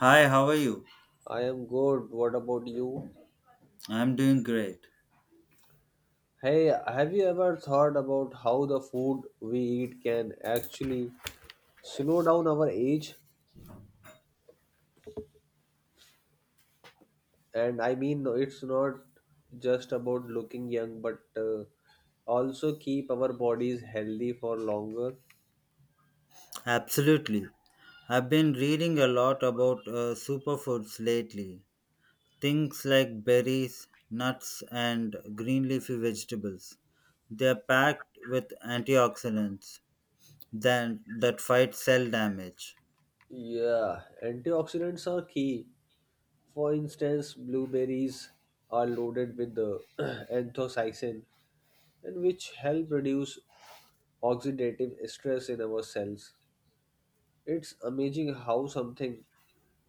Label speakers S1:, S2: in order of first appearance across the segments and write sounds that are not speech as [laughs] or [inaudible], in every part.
S1: Hi, how are you?
S2: I am good. What about you?
S1: I'm doing great.
S2: Hey, have you ever thought about how the food we eat can actually slow down our age? No, it's not just about looking young, but also keep our bodies healthy for longer.
S1: Absolutely. I've been reading a lot about superfoods lately. Things like berries, nuts, and green leafy vegetables. They're packed with antioxidants then that fight cell damage.
S2: Yeah, antioxidants are key. For instance, blueberries are loaded with the [clears throat] anthocyanin, and which help reduce oxidative stress in our cells. It's amazing how something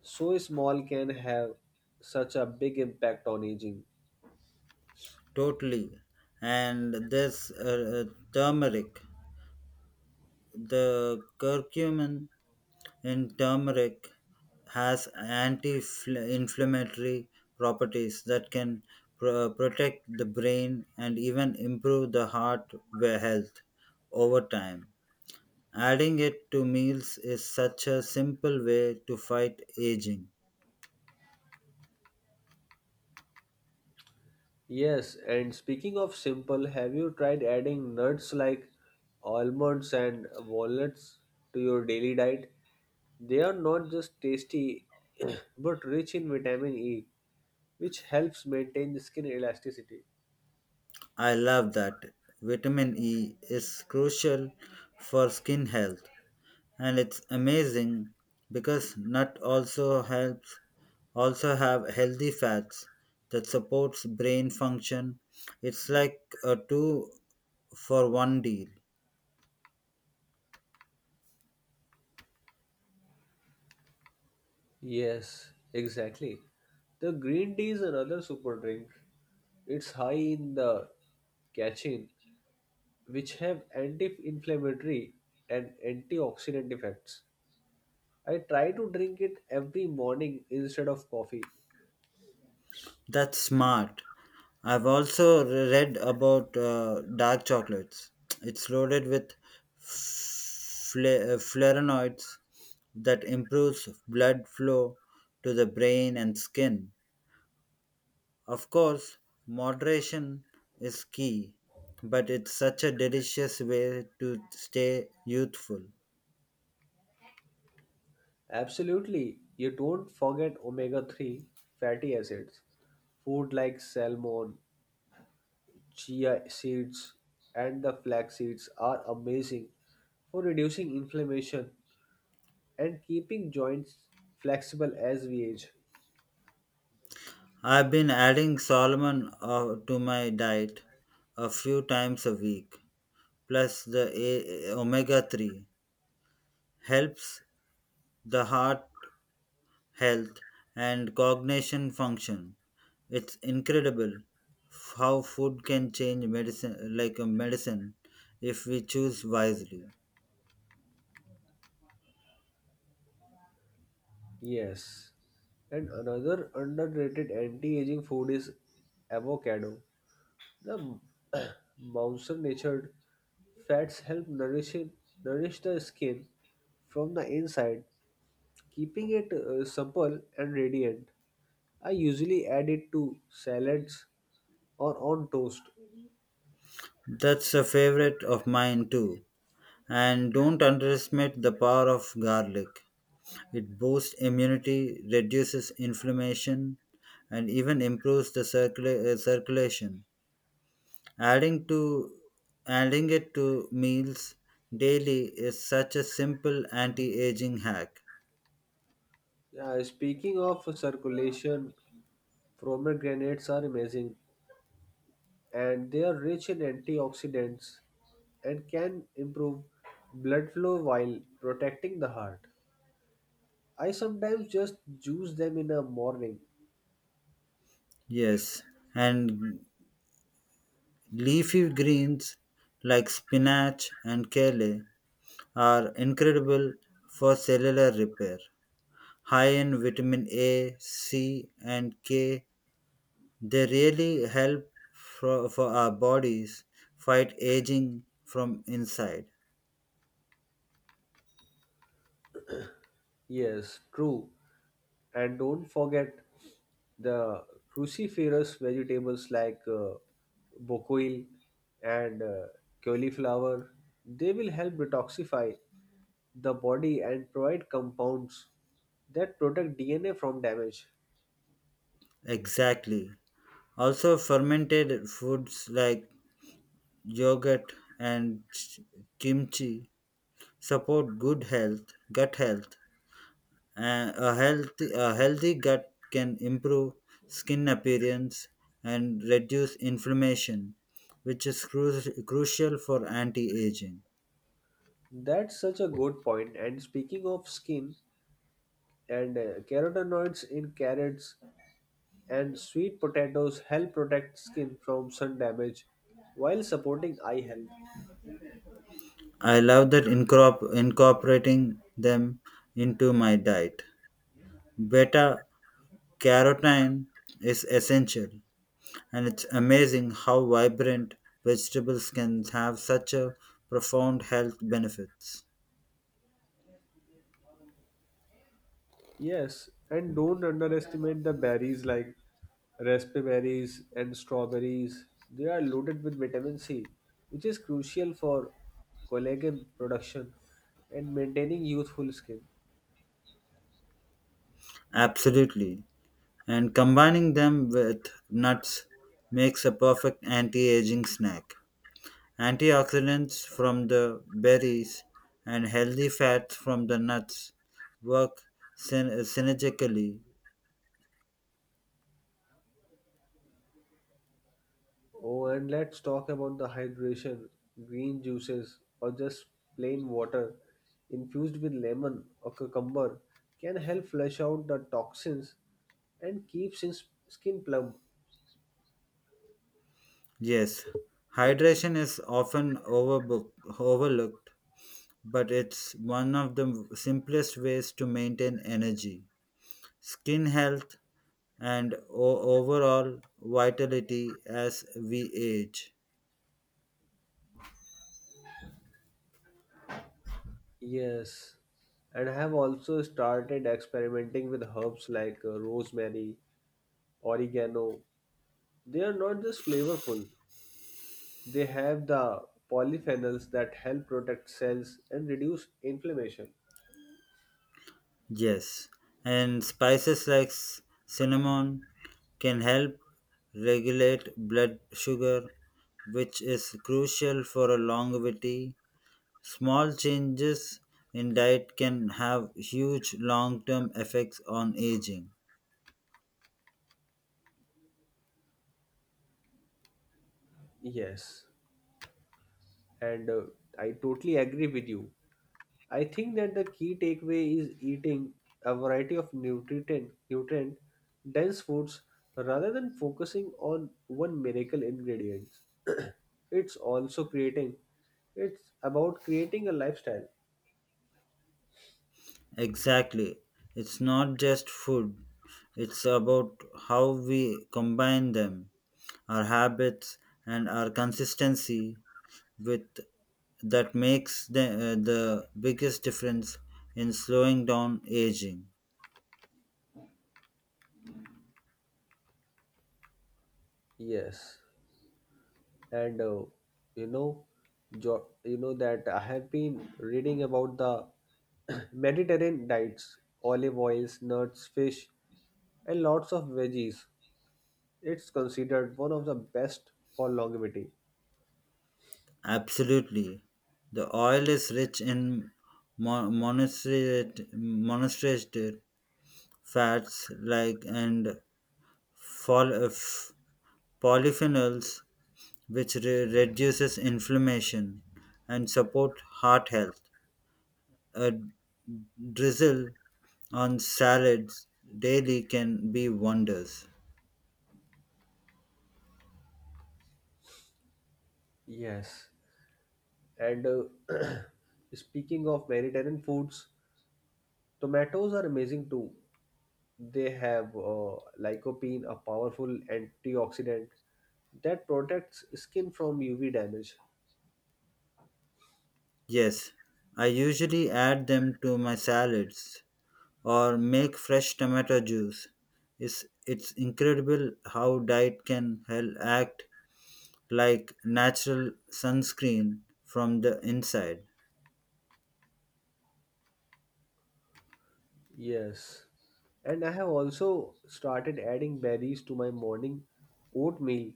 S2: so small can have such a big impact on aging.
S1: Totally. And there's turmeric, the curcumin. And turmeric has anti-inflammatory properties that can protect the brain and even improve the heart health over time. Adding it to meals is such a simple way to fight aging.
S2: Yes, and speaking of simple, have you tried adding nuts like almonds and walnuts to your daily diet? They are not just tasty, [clears throat] but rich in vitamin E, which helps maintain skin elasticity.
S1: I love that. Vitamin E is crucial for skin health, and it's amazing because nut also helps also have healthy fats that supports brain function. It's like a two for one deal.
S2: Yes, exactly. The green tea is another super drink. It's high in the catechin, which have anti-inflammatory and antioxidant effects. I try to drink it every morning instead of coffee.
S1: That's smart. I've also read about dark chocolates. It's loaded with flavonoids that improves blood flow to the brain and skin. Of course, moderation is key, but it's such a delicious way to stay youthful.
S2: Absolutely, you don't forget omega-3 fatty acids. Food like salmon, chia seeds, and the flax seeds are amazing for reducing inflammation and keeping joints flexible as we age.
S1: I've been adding salmon to my diet a few times a week, plus the omega 3 helps the heart health and cognition function. It's incredible how food can change medicine like a medicine if we choose wisely.
S2: Yes. And another underrated anti-aging food is avocado. The [coughs] [clears throat] mountain natured fats help nourish the skin from the inside, keeping it supple and radiant. I usually add it to salads or on toast.
S1: That's a favorite of mine too. And don't underestimate the power of garlic. It boosts immunity, reduces inflammation, and even improves the circulation. Adding to Adding it to meals daily is such a simple anti-aging hack.
S2: Speaking of circulation, pomegranates are amazing and they are rich in antioxidants and can improve blood flow while protecting the heart. I sometimes just juice them in the morning.
S1: Yes, and leafy greens like spinach and kale are incredible for cellular repair, high in vitamin A, C, and K. They really help for our bodies fight aging from inside.
S2: Yes, true. And don't forget the cruciferous vegetables like bocoil and cauliflower. They will help detoxify the body and provide compounds that protect DNA from damage.
S1: Exactly. Also, fermented foods like yogurt and kimchi support good health, gut health. A healthy gut can improve skin appearance and reduce inflammation, which is crucial for anti-aging.
S2: That's such a good point. And speaking of skin, and carotenoids in carrots and sweet potatoes help protect skin from sun damage while supporting eye health.
S1: I love incorporating them into my diet. Beta carotene is essential, and it's amazing how vibrant vegetables can have such a profound health benefits.
S2: Yes, and don't underestimate the berries like raspberry berries and strawberries. They are loaded with vitamin C, which is crucial for collagen production and maintaining youthful skin.
S1: Absolutely. And combining them with nuts makes a perfect anti-aging snack. Antioxidants from the berries and healthy fats from the nuts work synergically.
S2: Oh, and let's talk about the hydration. Green juices, or just plain water infused with lemon or cucumber, can help flush out the toxins and keep skin plump.
S1: Yes, hydration is often overlooked, but it's one of the simplest ways to maintain energy, skin health, and overall vitality as we age.
S2: Yes, and I have also started experimenting with herbs like rosemary, oregano. They are not just flavorful, they have the polyphenols that help protect cells and reduce inflammation.
S1: Yes, and spices like cinnamon can help regulate blood sugar, which is crucial for a longevity. Small changes in diet can have huge long term effects on aging.
S2: Yes, and I totally agree with you. I think that the key takeaway is eating a variety of nutrient dense foods rather than focusing on one miracle ingredient. [clears throat] It's also creating it's about creating a lifestyle.
S1: Exactly. It's not just food, it's about how we combine them, our habits, and our consistency with that makes the biggest difference in slowing down aging.
S2: Yes. And you know jo- you know that I have been reading about the [clears throat] Mediterranean diets, olive oils, nuts, fish, and lots of veggies. It's considered one of the best for longevity.
S1: Absolutely. The oil is rich in monosaturated fats and fol- uh, f- polyphenols which reduces inflammation and support heart health. A drizzle on salads daily can be wonders.
S2: Yes. And [clears throat] speaking of Mediterranean foods, tomatoes are amazing too. They have lycopene, a powerful antioxidant that protects skin from UV damage.
S1: Yes, I usually add them to my salads or make fresh tomato juice. It's incredible how diet can help act like natural sunscreen from the inside.
S2: Yes. And I have also started adding berries to my morning oatmeal.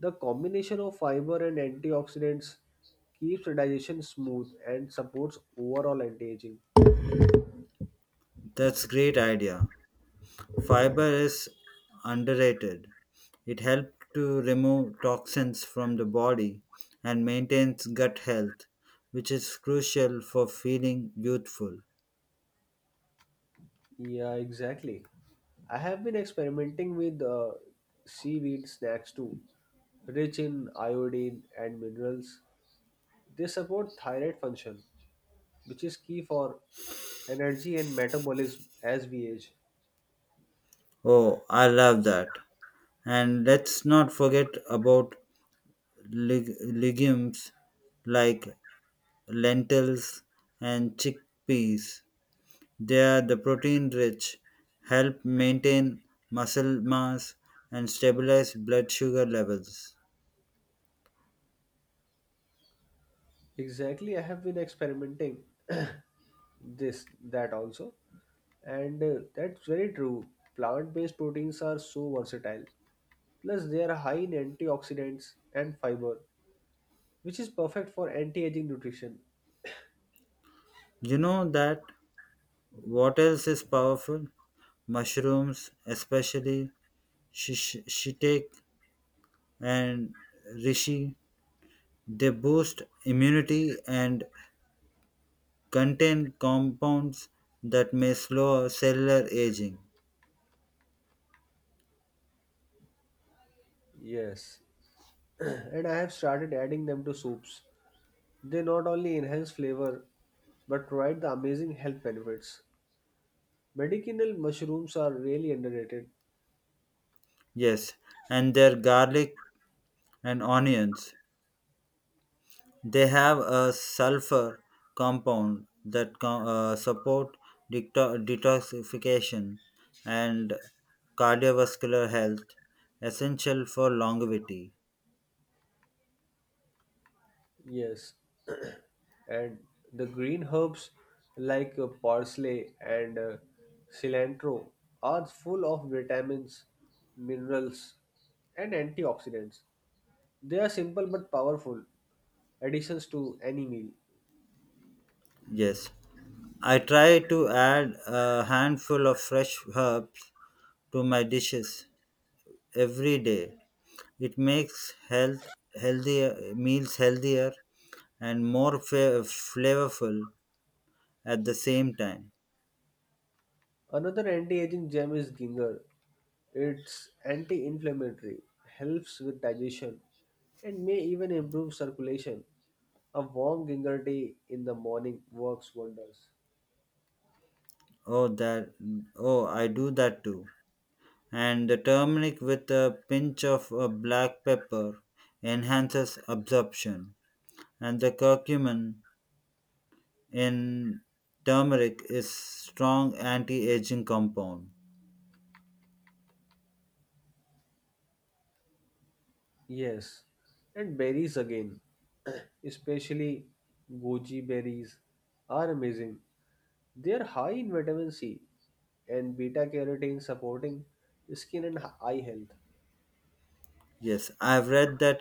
S2: The combination of fiber and antioxidants keeps digestion smooth and supports overall anti-aging.
S1: That's great idea. Fiber is underrated. It helps to remove toxins from the body and maintains gut health, which is crucial for feeling youthful.
S2: Yeah, exactly. I have been experimenting with seaweed snacks too, rich in iodine and minerals. They support thyroid function, which is key for energy and metabolism as we age.
S1: Oh, I love that. And let's not forget about legumes like lentils and chickpeas. They are the protein rich, help maintain muscle mass and stabilize blood sugar levels.
S2: Exactly, I have been experimenting this that also, and that's very true. Plant-based proteins are so versatile. Plus, they are high in antioxidants and fiber, which is perfect for anti-aging nutrition.
S1: You know that what else is powerful? Mushrooms, especially shiitake and reishi. They boost immunity and contain compounds that may slow cellular aging.
S2: Yes. [clears throat] And I have started adding them to soups. They not only enhance flavor but provide the amazing health benefits. Medicinal mushrooms are really underrated.
S1: Yes, and their garlic and onions. They have a sulfur compound that support detoxification and cardiovascular health, essential for longevity.
S2: Yes, [clears throat] and the green herbs like parsley and cilantro are full of vitamins, minerals, and antioxidants. They are simple but powerful additions to any meal.
S1: Yes, I try to add a handful of fresh herbs to my dishes every day. It makes healthier and more flavorful at the same time.
S2: Another anti-aging gem is ginger. It's anti-inflammatory, helps with digestion, and may even improve circulation. A warm ginger tea in the morning works wonders.
S1: Oh, that oh, I do that too. And the turmeric with a pinch of black pepper enhances absorption, and the curcumin in turmeric is strong anti-aging compound.
S2: Yes, and berries again, [clears throat] especially goji berries, are amazing. They are high in vitamin C and beta carotene, supporting skin and eye health.
S1: Yes, I've read that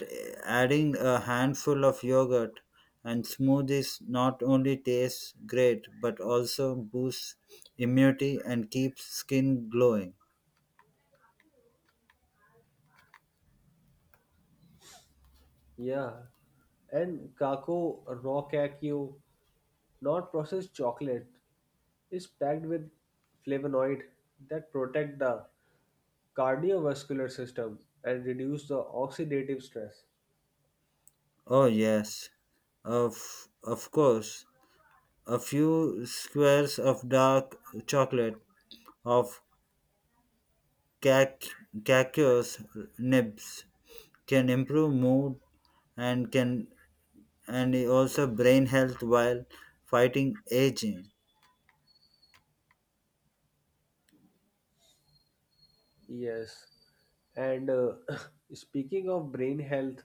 S1: adding a handful of yogurt and smoothies not only tastes great but also boosts immunity and keeps skin glowing.
S2: Yeah, and kako raw cacao. Not processed chocolate is packed with flavonoid that protect the cardiovascular system and reduce the oxidative stress.
S1: Oh yes, of course, a few squares of dark chocolate of cac- cacao's nibs can improve mood and can and also brain health while fighting aging.
S2: Yes. And [coughs] [clears throat] speaking of brain health,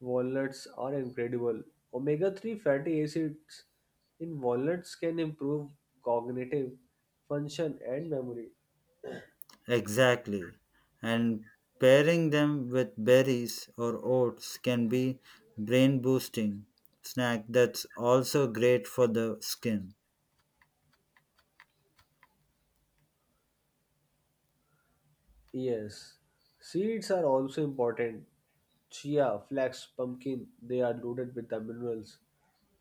S2: walnuts are incredible. Omega 3 fatty acids in walnuts can improve cognitive function and memory.
S1: Exactly. And pairing them with berries or oats can be brain boosting snack that's also great for the skin.
S2: Yes, seeds are also important. Chia, flax, pumpkin, they are loaded with the minerals,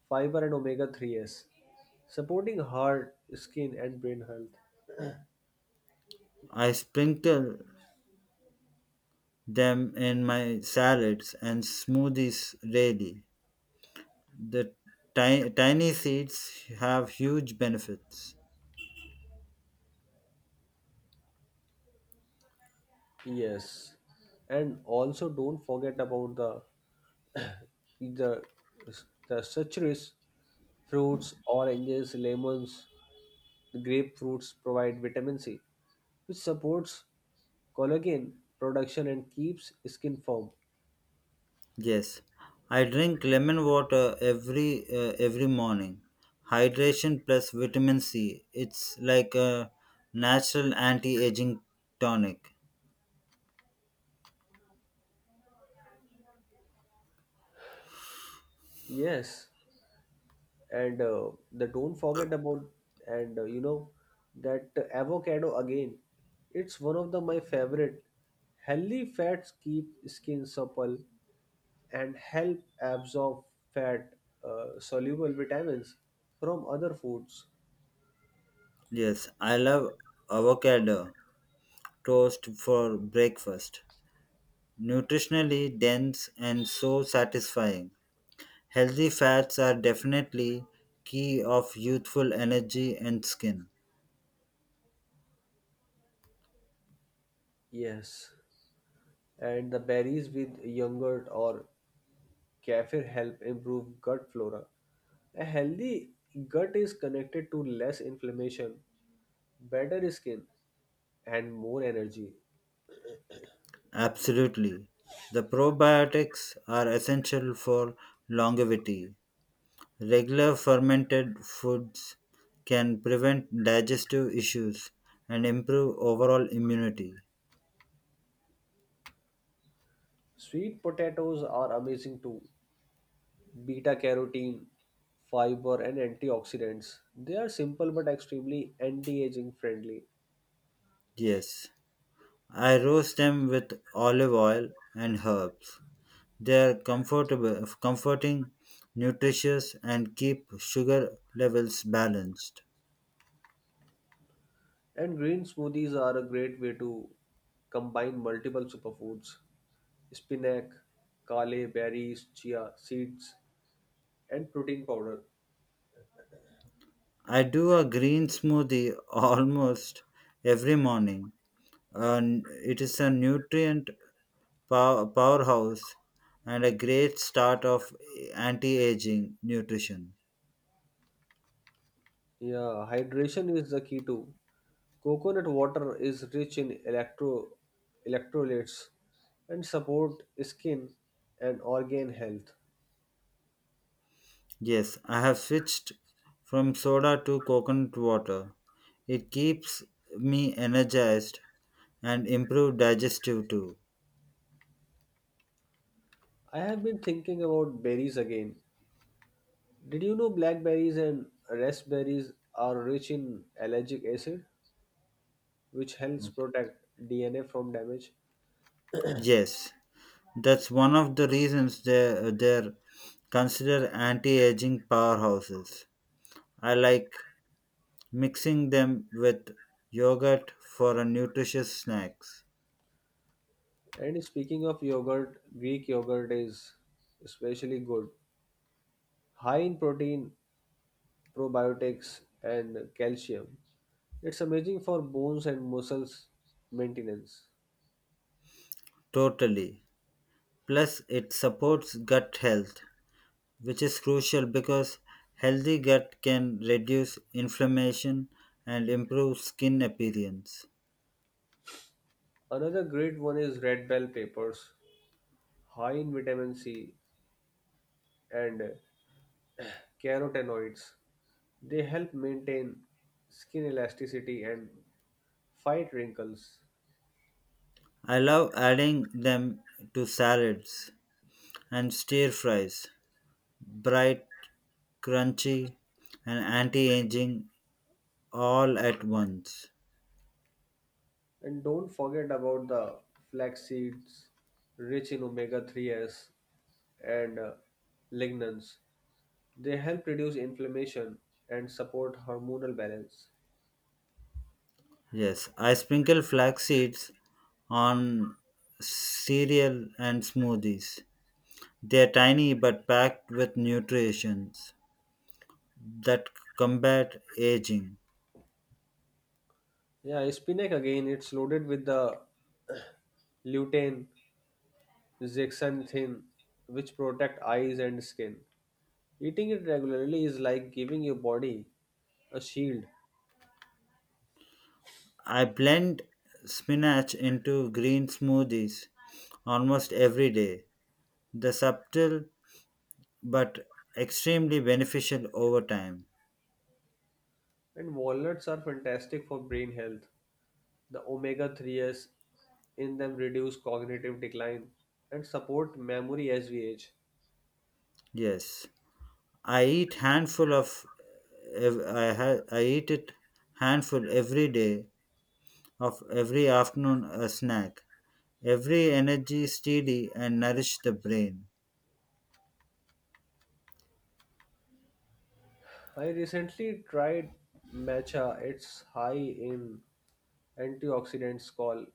S2: fiber, and omega 3s, supporting heart, skin, and brain health.
S1: I sprinkle them in my salads and smoothies daily. The tiny seeds have huge benefits.
S2: Yes, and also don't forget about the, the such rich fruits. Oranges, lemons, grapefruits provide vitamin C, which supports collagen production and keeps skin firm.
S1: Yes, I drink lemon water every morning. Hydration plus vitamin C. It's like a natural anti-aging tonic.
S2: Yes, and the don't forget about and you know that avocado again, it's one of the my favorite. Healthy fats keep skin supple and help absorb fat soluble vitamins from other foods.
S1: Yes, I love avocado toast for breakfast. Nutritionally dense and so satisfying. Healthy fats are definitely key of youthful energy and skin.
S2: Yes, and the berries with yogurt or kefir help improve gut flora. A healthy gut is connected to less inflammation, better skin, and more energy.
S1: Absolutely. The probiotics are essential for longevity. Regular fermented foods can prevent digestive issues and improve overall immunity.
S2: Sweet potatoes are amazing too. Beta carotene, fiber, and antioxidants. They are simple but extremely anti aging friendly.
S1: Yes, I roast them with olive oil and herbs. They are comforting, nutritious, and keep sugar levels balanced.
S2: And green smoothies are a great way to combine multiple superfoods: spinach, kale, berries, chia seeds, and protein powder.
S1: I do a green smoothie [laughs] almost every morning. And it is a nutrient powerhouse and a great start of anti-aging nutrition.
S2: Yeah, hydration is the key too. Coconut water is rich in electrolytes and support skin and organ health.
S1: Yes, I have switched from soda to coconut water. It keeps me energized and improve digestive too.
S2: I have been thinking about berries again. Did you know blackberries and raspberries are rich in allergic acid, which helps
S1: Okay.
S2: protect DNA from damage?
S1: Yes, that's one of the reasons they're considered anti-aging powerhouses. I like mixing them with yogurt for a nutritious snacks.
S2: And speaking of yogurt, Greek yogurt is especially good, high in protein, probiotics, and calcium. It's amazing for bones and muscles maintenance.
S1: Totally, plus it supports gut health, which is crucial because healthy gut can reduce inflammation and improve skin appearance.
S2: Another great one is red bell peppers, high in vitamin C and carotenoids. They help maintain skin elasticity and fight wrinkles.
S1: I love adding them to salads and stir fries, bright, crunchy, and anti-aging all at once.
S2: And don't forget about the flax seeds, rich in omega 3s and lignans. They help reduce inflammation and support hormonal balance.
S1: Yes, I sprinkle flax seeds on cereal and smoothies. They are tiny but packed with nutrients that combat aging.
S2: Yeah, spinach again, it's loaded with the [clears throat] lutein, zeaxanthin, which protect eyes and skin. Eating it regularly is like giving your body a shield,
S1: I blend spinach into green smoothies almost every day. The subtle but extremely beneficial over time.
S2: and walnuts are fantastic for brain health. The omega 3s in them reduce cognitive decline and support memory as we age.
S1: Yes, I eat handful of I eat it handful every day of every afternoon a snack. Every energy steady and nourish the brain.
S2: I recently tried matcha, it's high in antioxidants called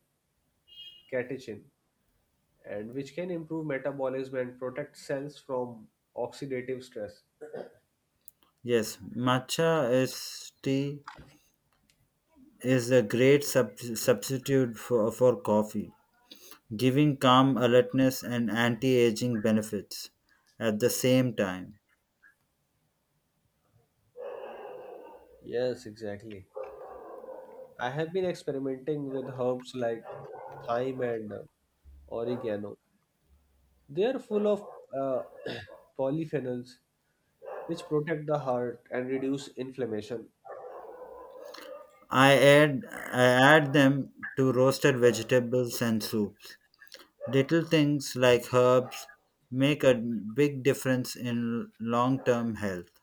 S2: catechin, and which can improve metabolism and protect cells from oxidative stress.
S1: Yes, matcha is tea is a great substitute for coffee, giving calm alertness and anti-aging benefits at the same time.
S2: Yes, exactly. I have been experimenting with herbs like thyme and oregano. They are full of uh, [clears throat] polyphenols, which protect the heart and reduce inflammation.
S1: I add them to roasted vegetables and soups. Little things like herbs make a big difference in long-term health.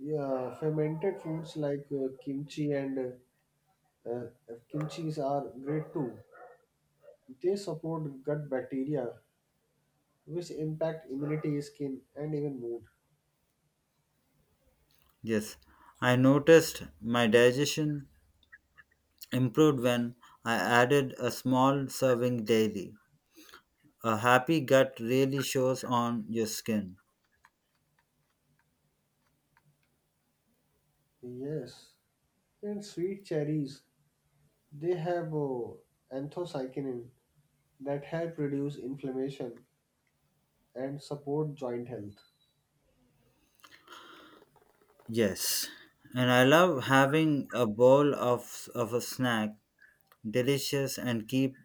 S2: Yeah, fermented foods like kimchi and uh, uh, kimchis are great too. They support gut bacteria, which impact immunity, skin, and even mood.
S1: Yes, I noticed my digestion improved when I added a small serving daily. A happy gut really shows on your skin.
S2: Yes, and sweet cherries. They have anthocyanin, that help reduce inflammation and support joint health.
S1: Yes, and I love having a bowl of a snack, delicious and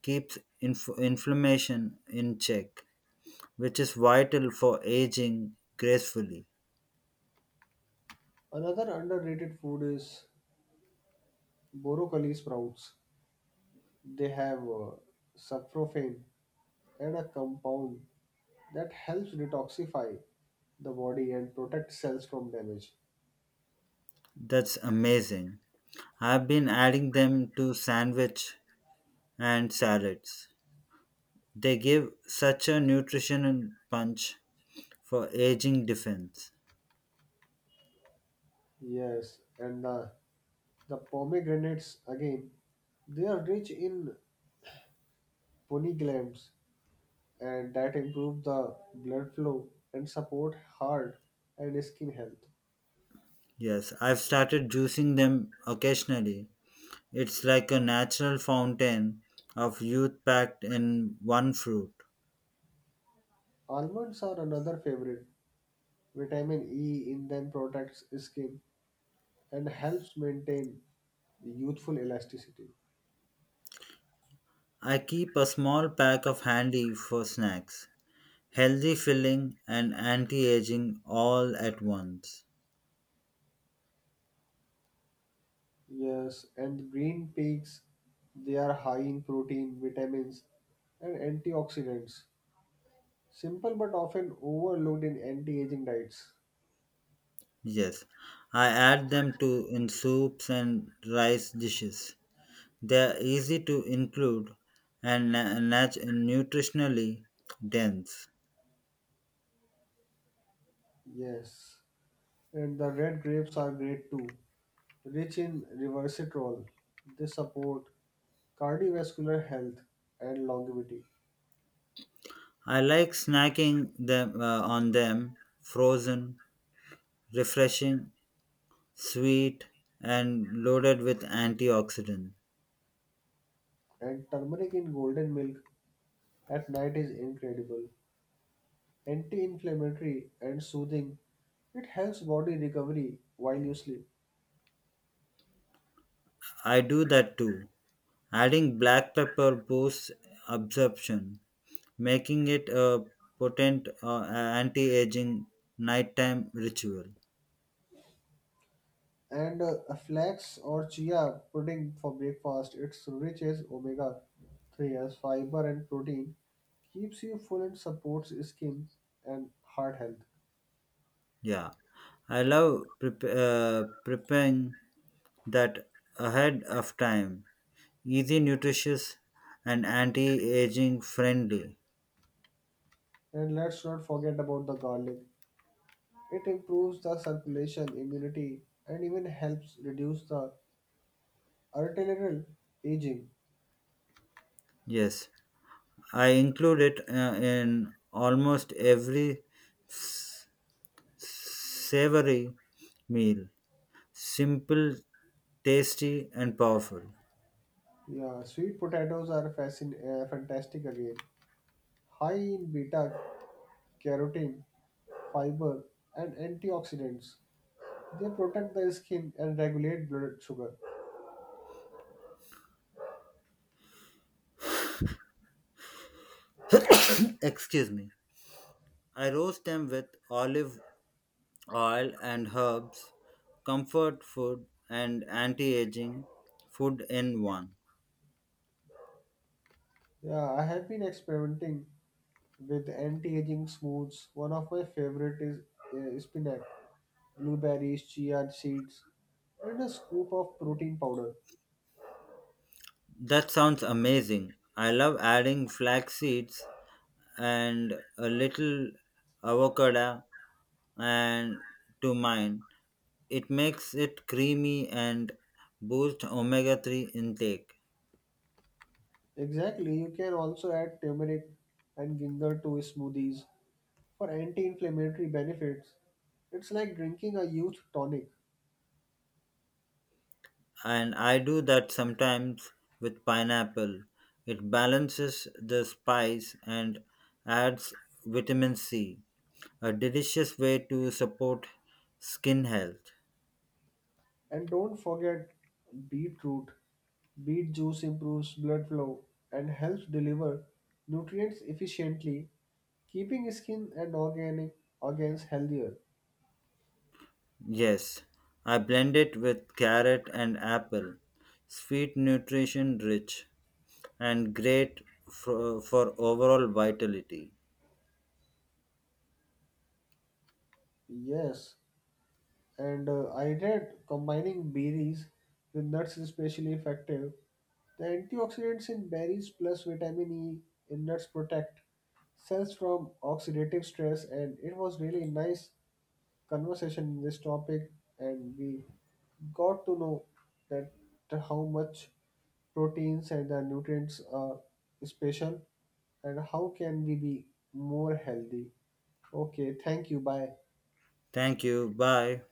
S1: keeps inflammation in check, which is vital for aging gracefully.
S2: Another underrated food is broccoli sprouts. They have saprophyne and a compound that helps detoxify the body and protect cells from damage.
S1: That's amazing. I've been adding them to sandwich and salads. They give such a nutrition and punch for aging defense.
S2: Yes, and the pomegranates again, they are rich in polyglands and that improve the blood flow and support heart and skin health.
S1: Yes, I've started juicing them occasionally. It's like a natural fountain of youth packed in one fruit.
S2: Almonds are another favorite. Vitamin E in them protects skin and helps maintain youthful elasticity.
S1: I keep a small pack of handy for snacks, healthy filling and anti-aging all at once.
S2: Yes, and green peas, they are high in protein, vitamins, and antioxidants. Simple but often overlooked in anti-aging diets.
S1: Yes, I add them to in soups and rice dishes. They are easy to include and nutritionally dense.
S2: Yes, and the red grapes are great too, rich in resveratrol. They support cardiovascular health and longevity.
S1: I like snacking them on them frozen, refreshing, sweet, and loaded with antioxidants.
S2: And turmeric in golden milk at night is incredible. Anti-inflammatory and soothing. It helps body recovery while you sleep.
S1: I do that too. Adding black pepper boosts absorption, making it a potent anti-aging nighttime ritual.
S2: And a flax or chia pudding for breakfast. It's rich as omega 3 as fiber and protein. Keeps you full and supports skin and heart health.
S1: Yeah, I love preparing that ahead of time. Easy, nutritious, and anti-aging friendly.
S2: And let's not forget about the garlic. It improves the circulation, immunity, and even helps reduce the arterial aging.
S1: Yes, I include it in almost every savory meal. Simple, tasty, and powerful.
S2: Yeah, sweet potatoes are fantastic again. High in beta carotene, fiber, and antioxidants. They protect the skin and regulate blood sugar.
S1: [coughs] Excuse me. I roast them with olive oil and herbs, comfort food, and anti aging food in one.
S2: Yeah, I have been experimenting with anti-aging smooths. One of my favorite is spinach, blueberries, chia seeds, and a scoop of protein powder.
S1: That sounds amazing. I love adding flax seeds and a little avocado and to mine. It makes it creamy and boosts omega 3 intake.
S2: Exactly, you can also add turmeric and ginger to smoothies for anti-inflammatory benefits. It's like drinking a youth tonic.
S1: And I do that sometimes with pineapple. It balances the spice and adds vitamin C, a delicious way to support skin health.
S2: And don't forget beetroot. Beet juice improves blood flow and helps deliver nutrients efficiently, keeping skin and organic organs healthier.
S1: Yes, I blend it with carrot and apple. Sweet, nutrition rich, and great for overall vitality.
S2: Yes, And I read combining berries with nuts is especially effective. The antioxidants in berries plus vitamin E in nuts protect cells from oxidative stress. And it was really nice conversation in this topic, and we got to know that how much proteins and the nutrients are special, and how can we be more healthy. Okay, thank you, bye.
S1: Thank you. Bye.